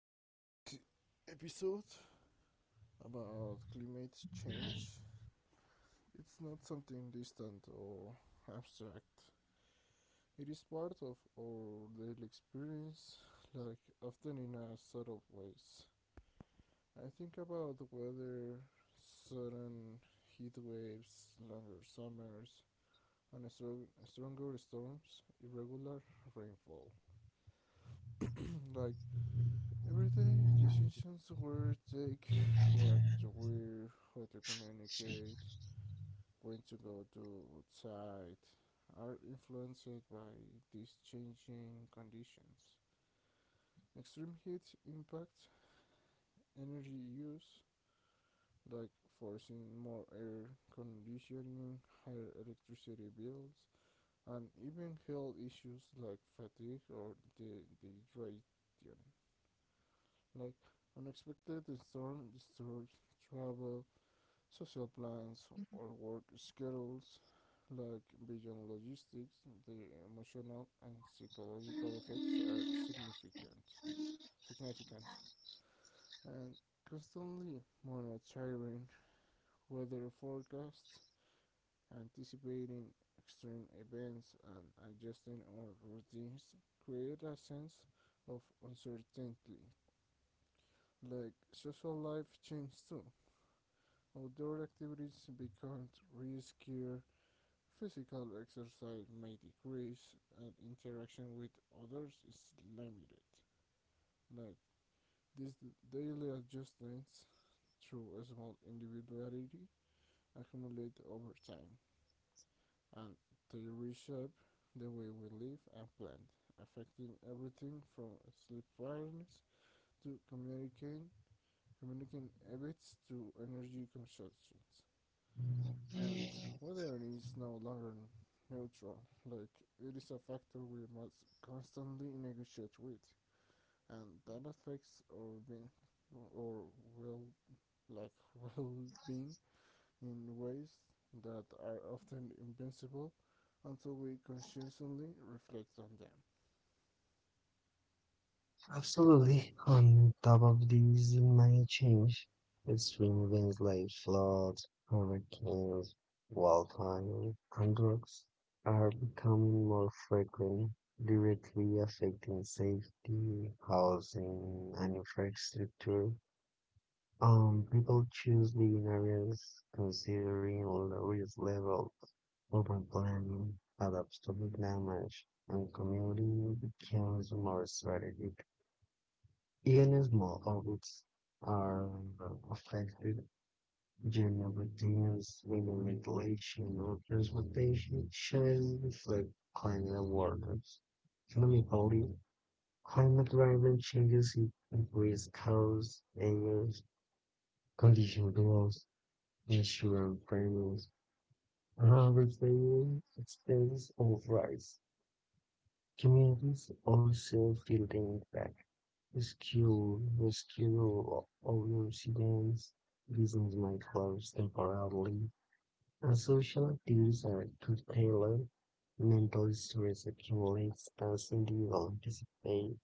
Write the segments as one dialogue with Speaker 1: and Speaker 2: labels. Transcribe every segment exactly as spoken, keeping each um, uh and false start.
Speaker 1: to this episode about climate change. It's not something distant or abstract. It is part of our daily experience, like often in a subtle ways. I think about the weather, sudden heat waves, longer summers, and strong, stronger storms, irregular rainfall. like Every day, decisions were take what to wear, how to communicate, when to go to outside, are influenced by these changing conditions. Extreme heat impacts energy use, like forcing more air conditioning, higher electricity bills, and even health issues like fatigue or dehydration, like unexpected storm disturbs travel social plans or work schedules like beyond logistics the emotional and psychological effects are significant significant and constantly monitoring weather forecasts anticipating extreme events and adjusting our routines create a sense of uncertainty like social life changes too outdoor activities become riskier. Physical exercise may decrease and interaction with others is limited. Like these daily adjustments through a small individuality accumulate over time and they reshape the way we live and plan, affecting everything from sleep patterns to communicating communicating habits to energy consumption. And weather is no longer neutral. Like it is a factor we must constantly negotiate with, and that affects our being or well, like well-being in ways that are often invincible until we consciously reflect on them.
Speaker 2: Absolutely. On top of these might change. Extreme events like floods, hurricanes, wildfires, and droughts are becoming more frequent, directly affecting safety, housing, and infrastructure. Um, people choose living areas considering all the risk level, urban planning, adapts to the damage, and community becomes more strategic. Illness models are affected generally things within regulation or transportation changes like climate awareness, economically, climate-driven changes increase costs, areas, condition growth, insurance premiums, repair expenses or rise. Communities also feel the impact. Rescue, rescue owners against reasons might close temporarily, and social activities are to tailor mental stress accumulates as individuals anticipate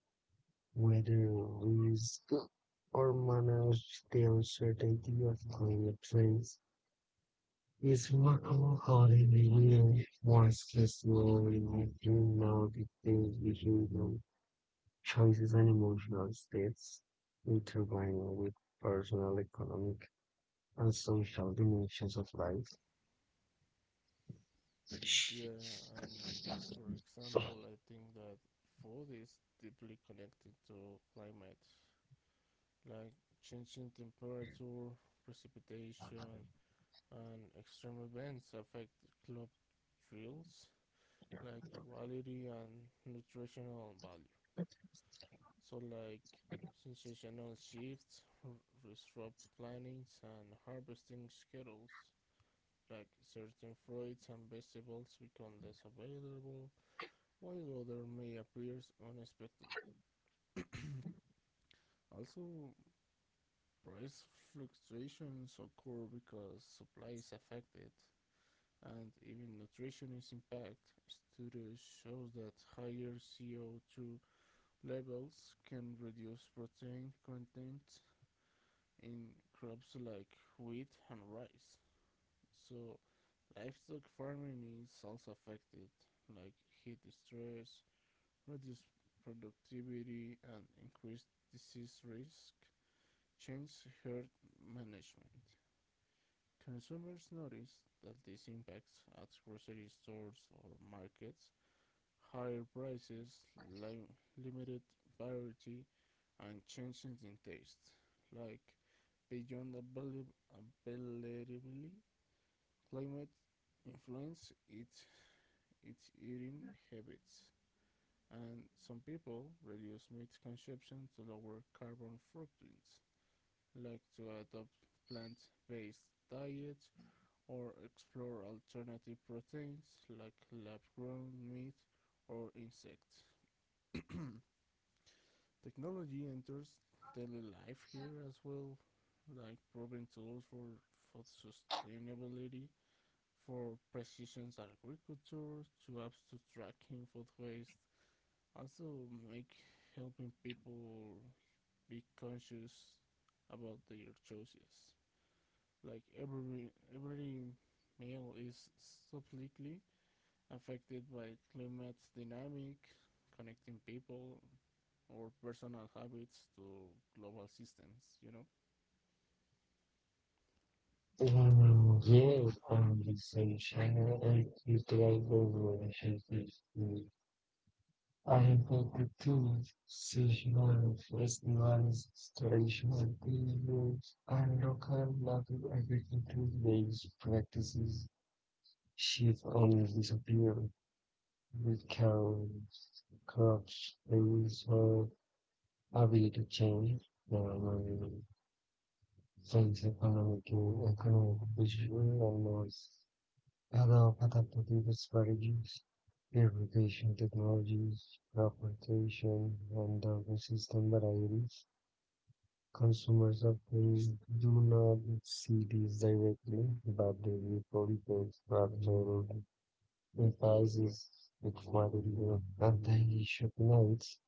Speaker 2: weather risk or manage the uncertainty of climate trends. It's remarkable how the year more stressful in between now the things we do. Choices and emotional states intertwine with personal, economic, and social dimensions of life.
Speaker 1: Yeah, and for example, I think that food is deeply connected to climate, like changing temperature, precipitation, and extreme events affect club thrills like quality and nutritional value. So, like sensational shifts, r- disrupt plannings, and harvesting schedules. Like certain fruits and vegetables become less available, while other may appear unexpectedly. Also, price fluctuations occur because supply is affected and even nutritionist impact, studies show that higher C O two levels can reduce protein content in crops like wheat and rice. So, livestock farming is also affected, like heat stress, reduced productivity, and increased disease risk, change herd management. Consumers notice that these impacts at grocery stores or markets higher prices, lim- limited variety, and changes in taste, like beyond avail- availability, climate influence, its its eating habits, and some people reduce meat consumption to lower carbon footprints, like to adopt plant-based diets or explore alternative proteins like lab-grown meat or insects. Technology enters daily life here as well, like proven tools for food sustainability, for precision agriculture, to apps to tracking food waste. Also, make helping people be conscious about their choices. Like every every meal is subtly affected by climate dynamic, connecting people or personal habits to global systems, you know?
Speaker 2: Mm, yeah, conversation and cultural relationships. Mm. I important too. Seasonal festivals, traditional beliefs, and local local agricultural based practices shift and disappear. Because clubs use are ability to change the state's economic economic position and laws. Other adaptive strategies, irrigation technologies, crop rotation, and the resistant varieties. Consumers often do not see these directly, but they will probably rather prices with quality of anti-shock notes.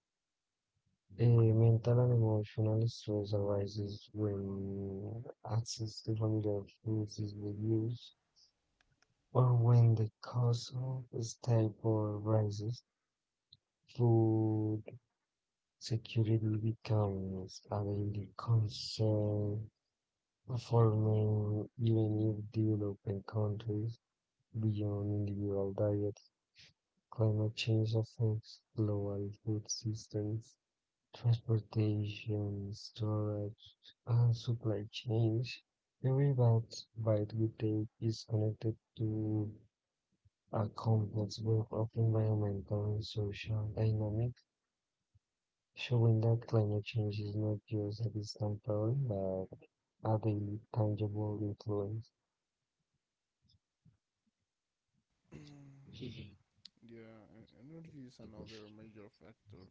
Speaker 2: A mental and emotional stress arises when access to familiar foods is reduced or when the cost of staple rises. Food security becomes a daily concern for many, even if developing countries beyond individual diet. Climate change affects global food systems transportation, storage, and supply chains. Every byte byte we take is connected to a complex web of environmental and social dynamics, showing that climate change is not just a distant problem, but a daily, tangible influence.
Speaker 1: yeah, e- energy is another major factor.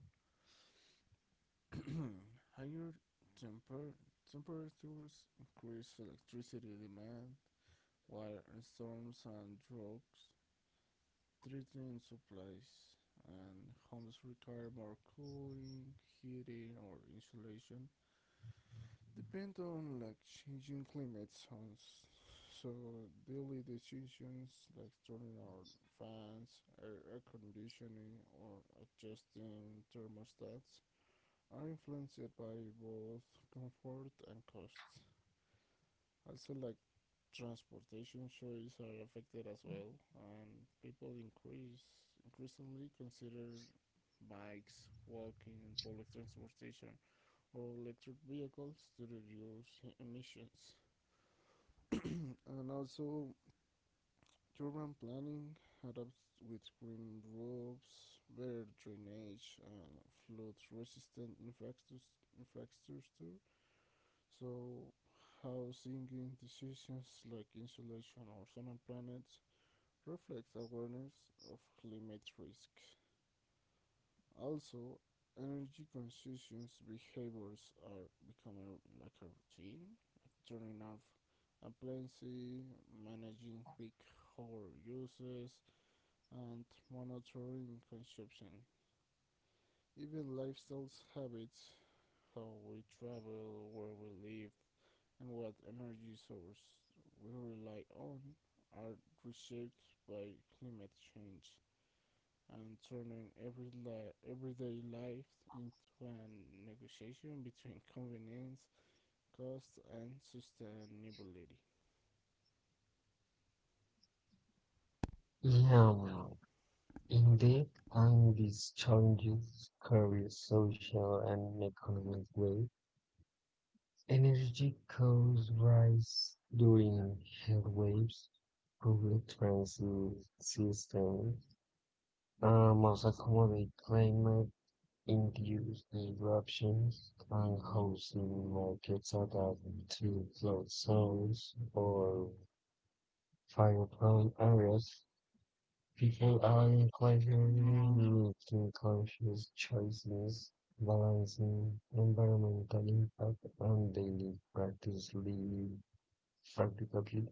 Speaker 1: Higher temper- temperatures increase electricity demand, while storms and droughts threaten supplies, and homes require more cooling, heating, or insulation. Depend on like changing climate zones. So daily decisions like turning on fans, air, air conditioning, or adjusting thermostats are influenced by both comfort and cost. Also, like transportation choices are affected as well, and people increase increasingly consider bikes, walking, public transportation, or electric vehicles to reduce emissions. And also, urban planning adapts with green roofs, better drainage, and flood resistant infrastructure. So, housing decisions like insulation or solar panels reflects awareness of climate risks. Also, energy conscious behaviors are becoming like a routine, like turning off appliances, managing peak hour uses, and monitoring consumption. Even lifestyle habits, how we travel, where we live, and what energy source we rely on are reshaped by climate change and turning every everyday life into a negotiation between convenience, cost, and sustainability.
Speaker 2: Yeah, indeed, and these challenges carry social and economic weight. Energy costs rise during heatwaves. Public transit systems uh, must accommodate climate-induced disruptions, and housing markets adapt to flood zones or fire-prone areas. People are increasingly making conscious choices, balancing environmental impact and daily practice lead. Practically,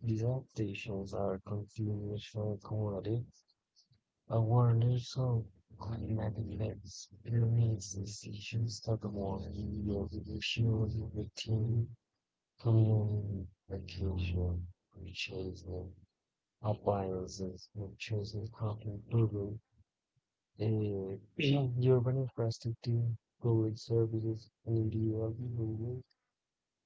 Speaker 2: these adaptations are continuation cumulative awareness of climatic events, permeates decisions that warn you of the issues within communication, purchasing, appliances, and choosing how to improve uh, urban infrastructure, public services, and individual behavior.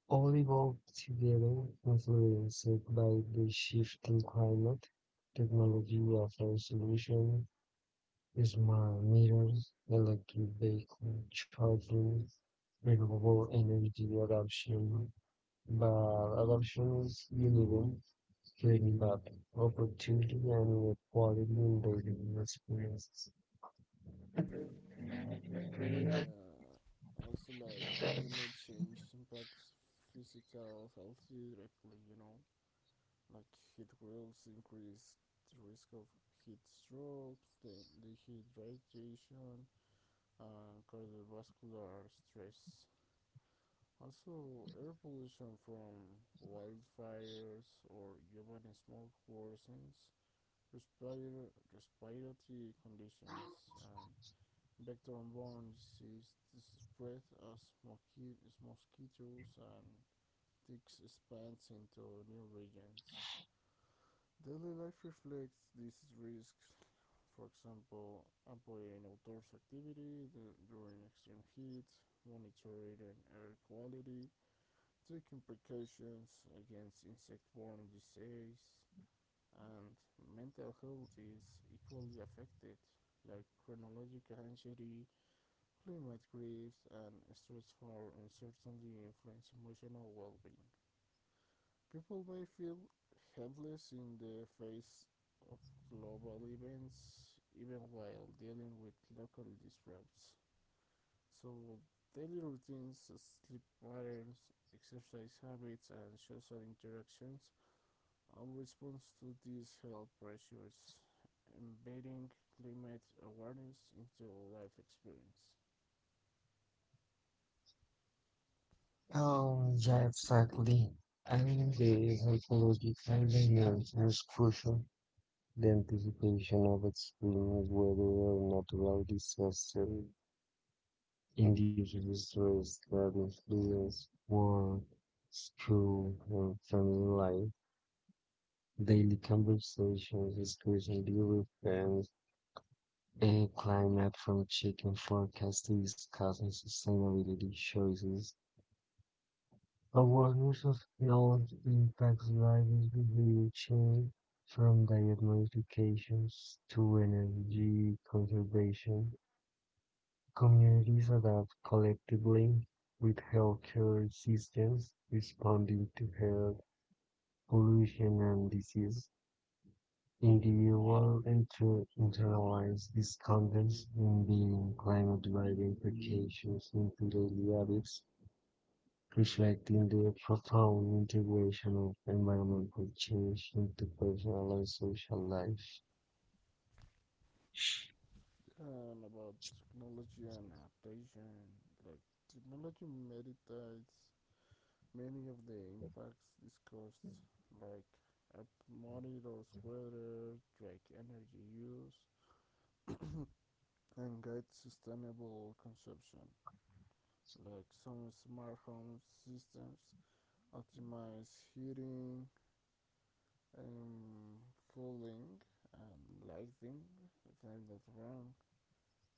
Speaker 2: All evolved together, influenced by the shifting climate. Technology offers solutions: smart meters, electric vehicle charging, renewable energy adoption, but adoption is uneven, creating gap, opportunity and equality in daily experiences.
Speaker 1: Yeah, also like climate change impacts physical health directly, you know, like heat waves increase the risk of heat stroke, the, the heat radiation, and cardiovascular stress. Also, air pollution from wildfires or urban smoke worsens respir- respiratory conditions and vector-borne disease spread as mosquitoes and ticks expands into new regions. Daily life reflects these risks. For example, employing outdoors activity during extreme heat, monitoring air quality, taking precautions against insect-borne disease and mental health is equally affected, like chronological anxiety, climate grief, and stressful uncertainty influence emotional well-being. People may feel helpless in the face of global events, even while dealing with local disrupts. So, daily routines, sleep patterns, exercise habits, and social interactions are response to these health pressures, embedding climate awareness into life experience.
Speaker 2: Oh, yeah, exactly. I mean, the psychological dimension is crucial. The anticipation of extreme weather or natural disaster induces stress that influences work, school, and family life. Daily conversations, discussing the events, and climate from chicken forecasts to discussing sustainability choices. Awareness of health impacts drivers behavior change from diet modifications to energy conservation. Communities adapt collectively with healthcare systems responding to health, pollution, and disease. Individuals enter internalize these contents in being climate-driven implications into daily habits, reflecting the profound integration of environmental change into personal and social life.
Speaker 1: And about technology and adaptation, like technology meditates many of the impacts discussed, like app monitors weather, track energy use, and guides sustainable consumption. Like some smart home systems optimize heating, um, cooling, and lighting, if I'm not wrong.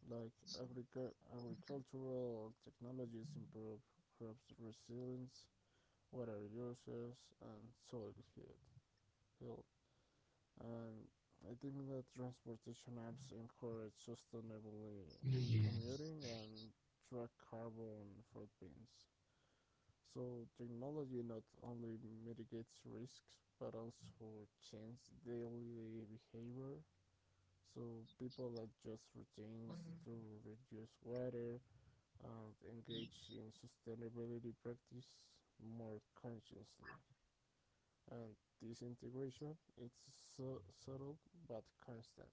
Speaker 1: Like agric- agricultural technologies improve crops resilience, water uses, and soil health. And I think that transportation apps encourage sustainable uh,
Speaker 2: Yeah.
Speaker 1: commuting and track carbon footprints. So technology not only mitigates risks but also changes daily behavior. So people adjust routines to reduce water and engage in sustainability practice more consciously. And this integration it's so subtle but constant.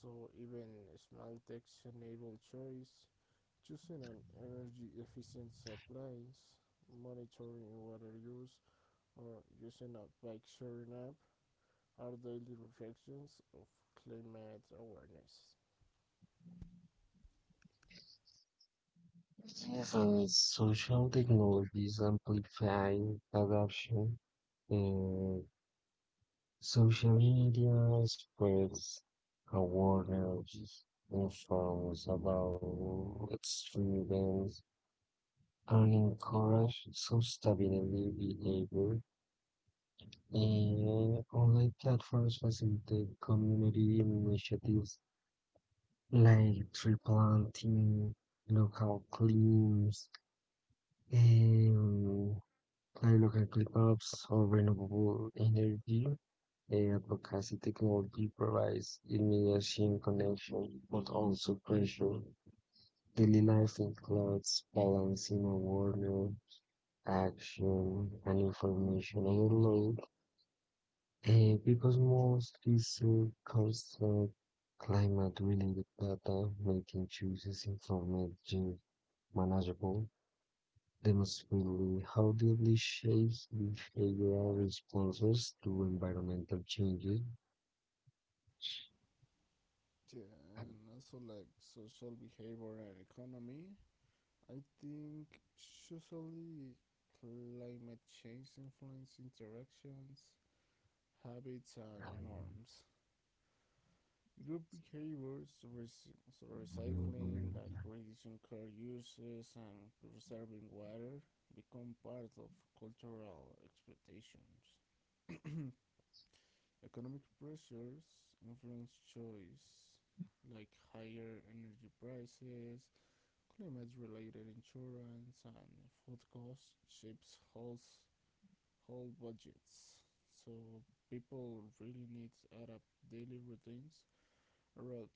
Speaker 1: So even small tech-enabled choice, choosing an energy efficient appliance, monitoring water use or using a bike sharing app are daily reflections of climate awareness.
Speaker 2: So social technologies amplify corruption. And social media spreads awareness, informs about extremism, and encourage sustainable behavior. And online platforms facilitate community initiatives like tree planting, local cleans, and I look at clip ups of renewable energy, a advocacy technology provides immediate connection, but also pressure. Daily life includes balancing awareness, action, and information overload. Eh, because most research concerns climate related data, making choices informed, and manageable. Demonstrably how deeply shapes behavioral responses to environmental changes.
Speaker 1: Yeah, and also like social behavior and economy. I think socially, climate change influences interactions, habits, and norms. Group behaviors, rec- so recycling, like reducing car uses and preserving water, become part of cultural expectations. Economic pressures influence choice, like higher energy prices, climate-related insurance, and food costs shapes household budgets. So people really need to adapt daily routines around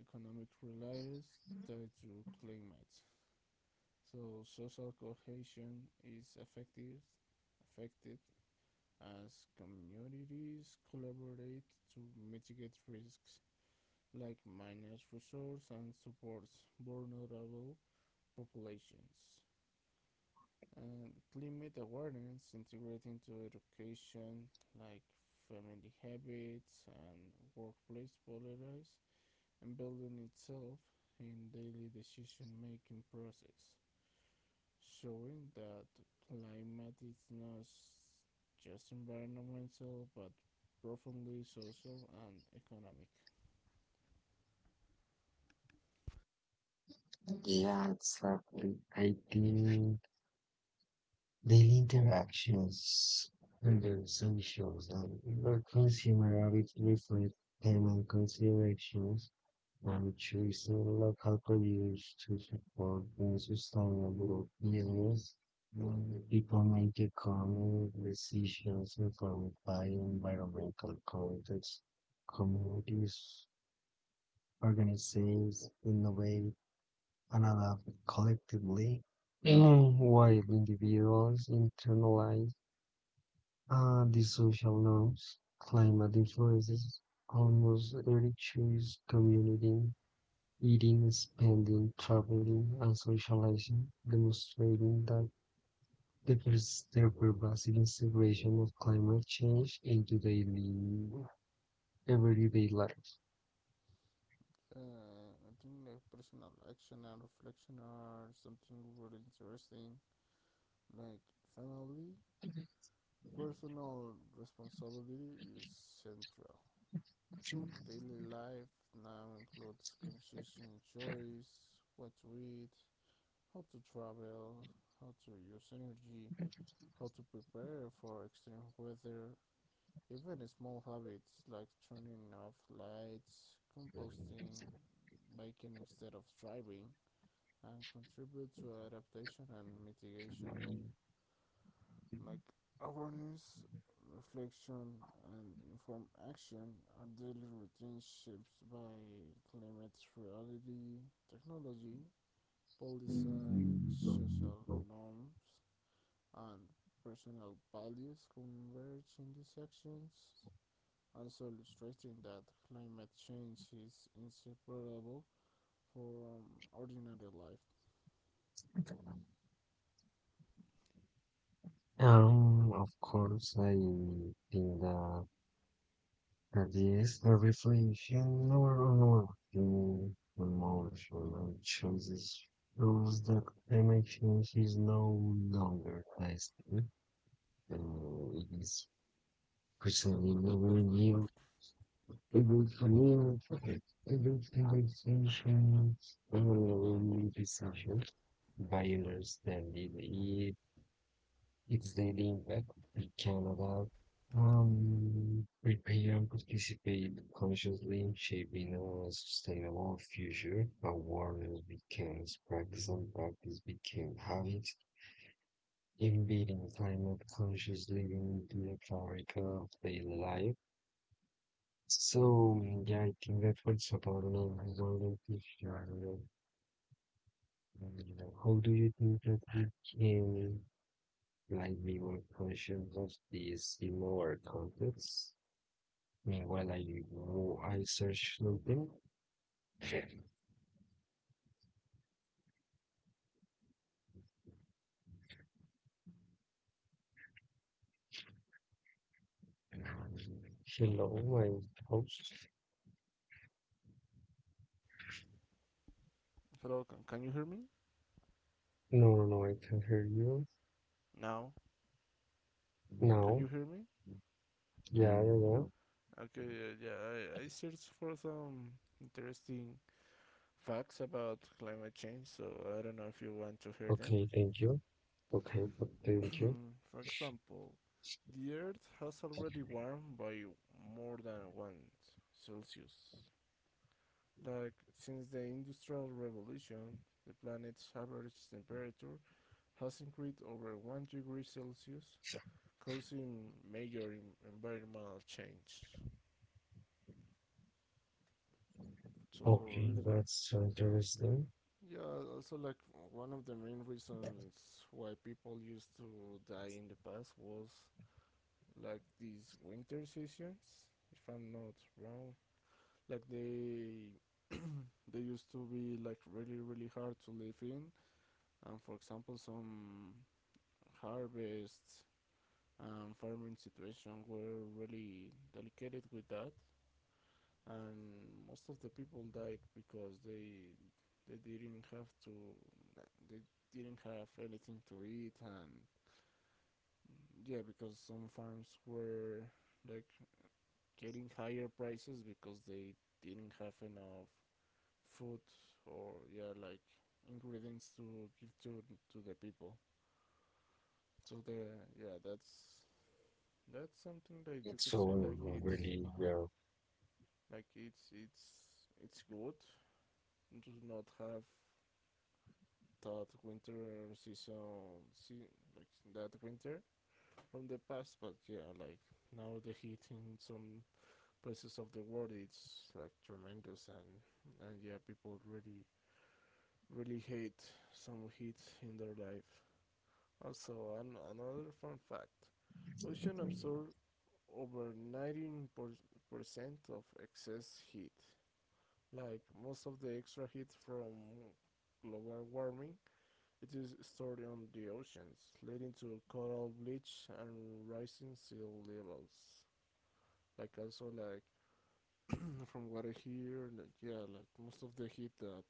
Speaker 1: economic realities tied to climate. So social cohesion is affected affected as communities collaborate to mitigate risks like manage resources and supports vulnerable populations. And climate awareness integrated into education like family habits and workplace policies, and building itself in daily decision making process, showing that climate is not just environmental but profoundly social and economic.
Speaker 2: Yeah, exactly. I think daily interactions under socials and your consumer habits reflect payment considerations and choosing local produce to support the sustainable business. um, People make economic decisions informed by environmental context, communities, organizations, innovate, and adapt collectively. Mm-hmm. While individuals internalize uh, the social norms climate influences almost every choice community eating, spending, traveling, and socializing, demonstrating that the pers- the pervasive integration of climate change into daily everyday life.
Speaker 1: Uh, I think like personal action and reflection are something really interesting. Like finally, personal responsibility is central. Daily life now includes conscious choice, what to eat, how to travel, how to use energy, how to prepare for extreme weather. Even small habits like turning off lights, composting, biking instead of driving, and contribute to adaptation and mitigation. Like awareness, reflection, and informed action are daily routines shaped by climate reality, technology, policy, social norms, and personal values converge in these actions, also illustrating that climate change is inseparable from ordinary life.
Speaker 2: Um, of course, I think that ideas are reflection or unworking emotional choices proves that emotion is no longer lasting and it is presently a review, a good communication, a good conversation, and a decision by understanding the it's leading back to Canada um, prepare and participate consciously in shaping a sustainable future. Awareness becomes practice and practice became habit. Embedding climate conscious living into the fabric of daily life. So yeah, I think that for example, I don't know, I don't know if you are, uh, how do you think that we can lively versions of these similar contexts. Meanwhile, I wo- I search something. Hello, my host.
Speaker 1: Hello, can, can you hear me?
Speaker 2: No, no, no, I can hear you
Speaker 1: Now, can
Speaker 2: now.
Speaker 1: you hear me?
Speaker 2: Yeah, yeah, yeah.
Speaker 1: Okay, yeah, yeah. I, um, interesting facts about climate.
Speaker 2: Okay, thank you. Okay, but thank you.
Speaker 1: Well, the Earth has warmed by more than one Celsius. Like, since the Industrial Revolution, the planet's average temperature has increased over one degree Celsius, causing major environmental change. So,
Speaker 2: Okay, that's so interesting.
Speaker 1: yeah, also like one of the main reasons why people used to die in the past was like these winter seasons, if I'm not wrong. Like they they used to be like really really hard to live in, and for example, some harvests and farming situations were really delicate with that and most of the people died because they they didn't have to they didn't have anything to eat and yeah because some farms were like getting higher prices because they didn't have enough food or yeah like ingredients to give to to the people so the yeah that's that's something that you
Speaker 2: It's
Speaker 1: could say
Speaker 2: all
Speaker 1: like it's
Speaker 2: really well.
Speaker 1: like it's it's it's good to not have that winter season, see, like that winter from the past. But yeah, like now the heat in some places of the world it's like tremendous, and and yeah, people really really hate some heat in their life. Also, an, another fun fact: ocean absorb over ninety percent of excess heat. Like most of the extra heat from global warming, it is stored on the oceans, leading to coral bleach and rising sea levels. Like also like from what I hear, like, yeah, like most of the heat that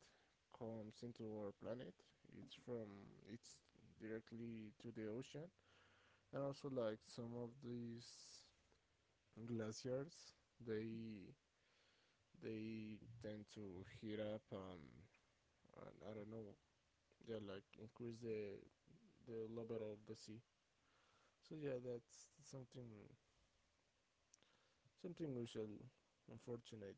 Speaker 1: comes into our planet, it's from it's directly to the ocean, and also like some of these glaciers, they they tend to heat up and, and I don't know, yeah, like increase the the level of the sea. So yeah, that's something something usual, unfortunate.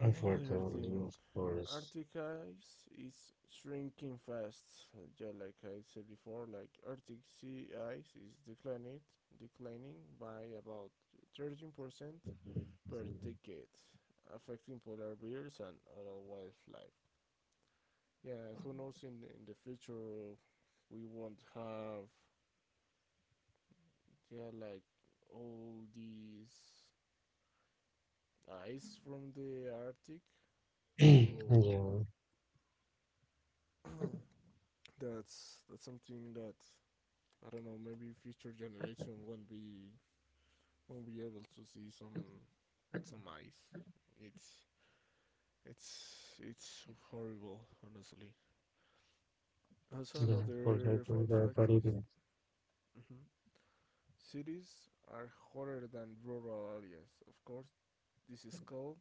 Speaker 1: Another
Speaker 2: Unfortunately,
Speaker 1: thing,
Speaker 2: of course.
Speaker 1: Arctic ice is shrinking fast. Yeah, like I said before, like Arctic sea ice is declining, declining by about thirteen percent per decade, affecting polar bears and other wildlife. Yeah, who knows in in the future we won't have yeah like all these ice from the Arctic.
Speaker 2: Yeah,
Speaker 1: So that's that's something that I don't know. Maybe future generation won't be won't be able to see some some ice. It's it's it's horrible, honestly. Also,
Speaker 2: yeah, for I
Speaker 1: another fun
Speaker 2: think that,
Speaker 1: fact
Speaker 2: that it.
Speaker 1: is mhm, cities are hotter than rural areas. Of course, this is called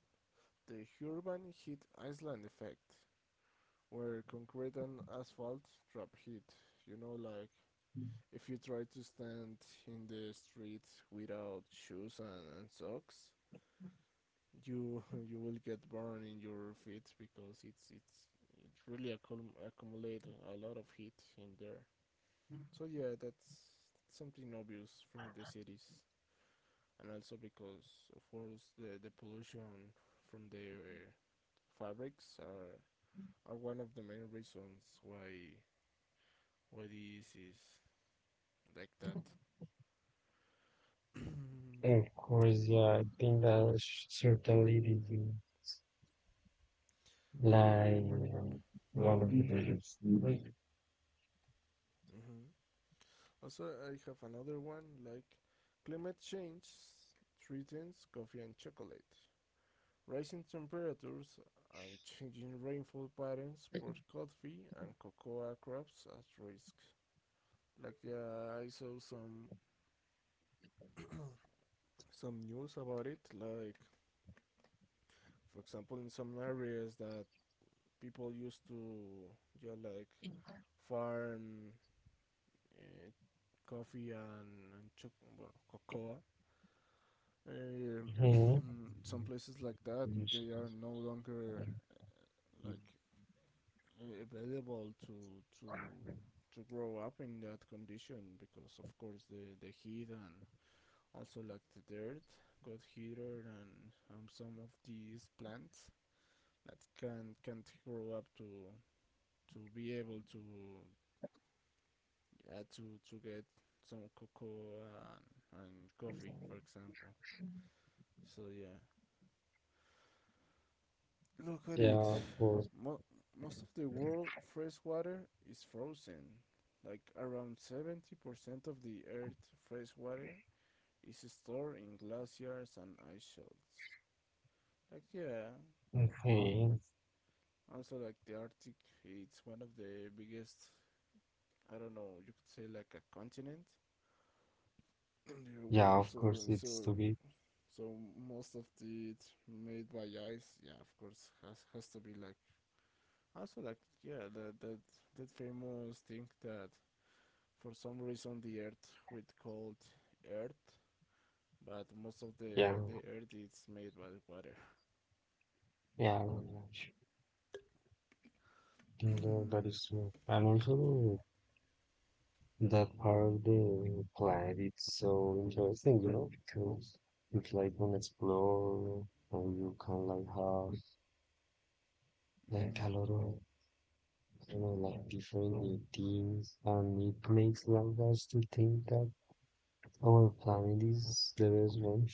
Speaker 1: the urban heat island effect, where concrete and asphalt trap heat. You know, like if you try to stand in the street without shoes and, and socks, you you will get burned in your feet because it's it's it really accum- accumulate a lot of heat in there. So yeah, that's something obvious from the cities, and also because of course the the pollution from the uh, fabrics are are one of the main reasons why why this is like that. mm-hmm.
Speaker 2: Of course, yeah, I think that was certainly the like one of the biggest.
Speaker 1: Also, I have another one like climate change threatens coffee and chocolate. Rising temperatures and changing rainfall patterns put coffee and cocoa crops at risk. Like yeah, I saw some some news about it. Like for example, in some areas that people used to yeah like farm uh, coffee and, and choc- well, cocoa uh,
Speaker 2: Mhm.
Speaker 1: some places like that they are no longer like available to to to grow up in that condition because of course the the heat and also like the dirt got heated, and um, some of these plants that can can't grow up to to be able to yeah, to to get some cocoa and, and coffee for example so yeah look at it.
Speaker 2: Yeah, of course.
Speaker 1: Mo- Most of the world fresh water is frozen. Like around seventy percent of the Earth fresh water is stored in glaciers and ice shelves. Like yeah,
Speaker 2: Okay.
Speaker 1: also like the Arctic, it's one of the biggest. I don't know. You could say like a continent in the
Speaker 2: Yeah,
Speaker 1: world.
Speaker 2: of
Speaker 1: So
Speaker 2: course, it's to
Speaker 1: so
Speaker 2: be.
Speaker 1: so most of the it made by ice. Yeah, of course has has to be like also like yeah that that that famous thing that for some reason the earth we called earth but most of
Speaker 2: Yeah,
Speaker 1: the the earth is made by the water.
Speaker 2: yeah, you know, that
Speaker 1: mm-hmm.
Speaker 2: that is true. And also, that part of the planet, it's so interesting, you know, because you like an explore, or you can like have like a lot of you know, like different routines, and it makes like us to think that our planet is the best one.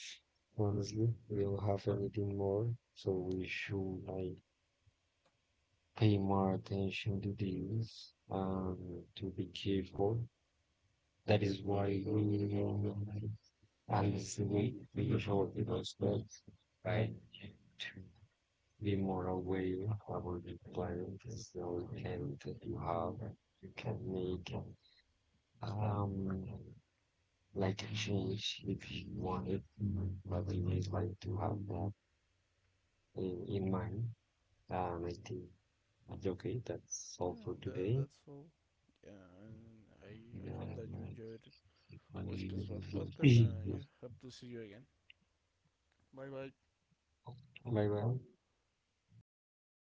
Speaker 2: Honestly, we don't have anything more, so we should like pay more attention to these and to be careful. That is why we know and it's the way we should be respect, right? To be more aware about the planet, so we can to have, you can make. Um, like she, she- if she wanted, but I would like to have that in, in mind. Um, I think it's okay. That's all
Speaker 1: yeah
Speaker 2: for
Speaker 1: tha-
Speaker 2: today.
Speaker 1: that's all yeah and i I hope that you
Speaker 2: Bye
Speaker 1: enjoyed all space world podcast and yeah hope to see you again
Speaker 2: bye.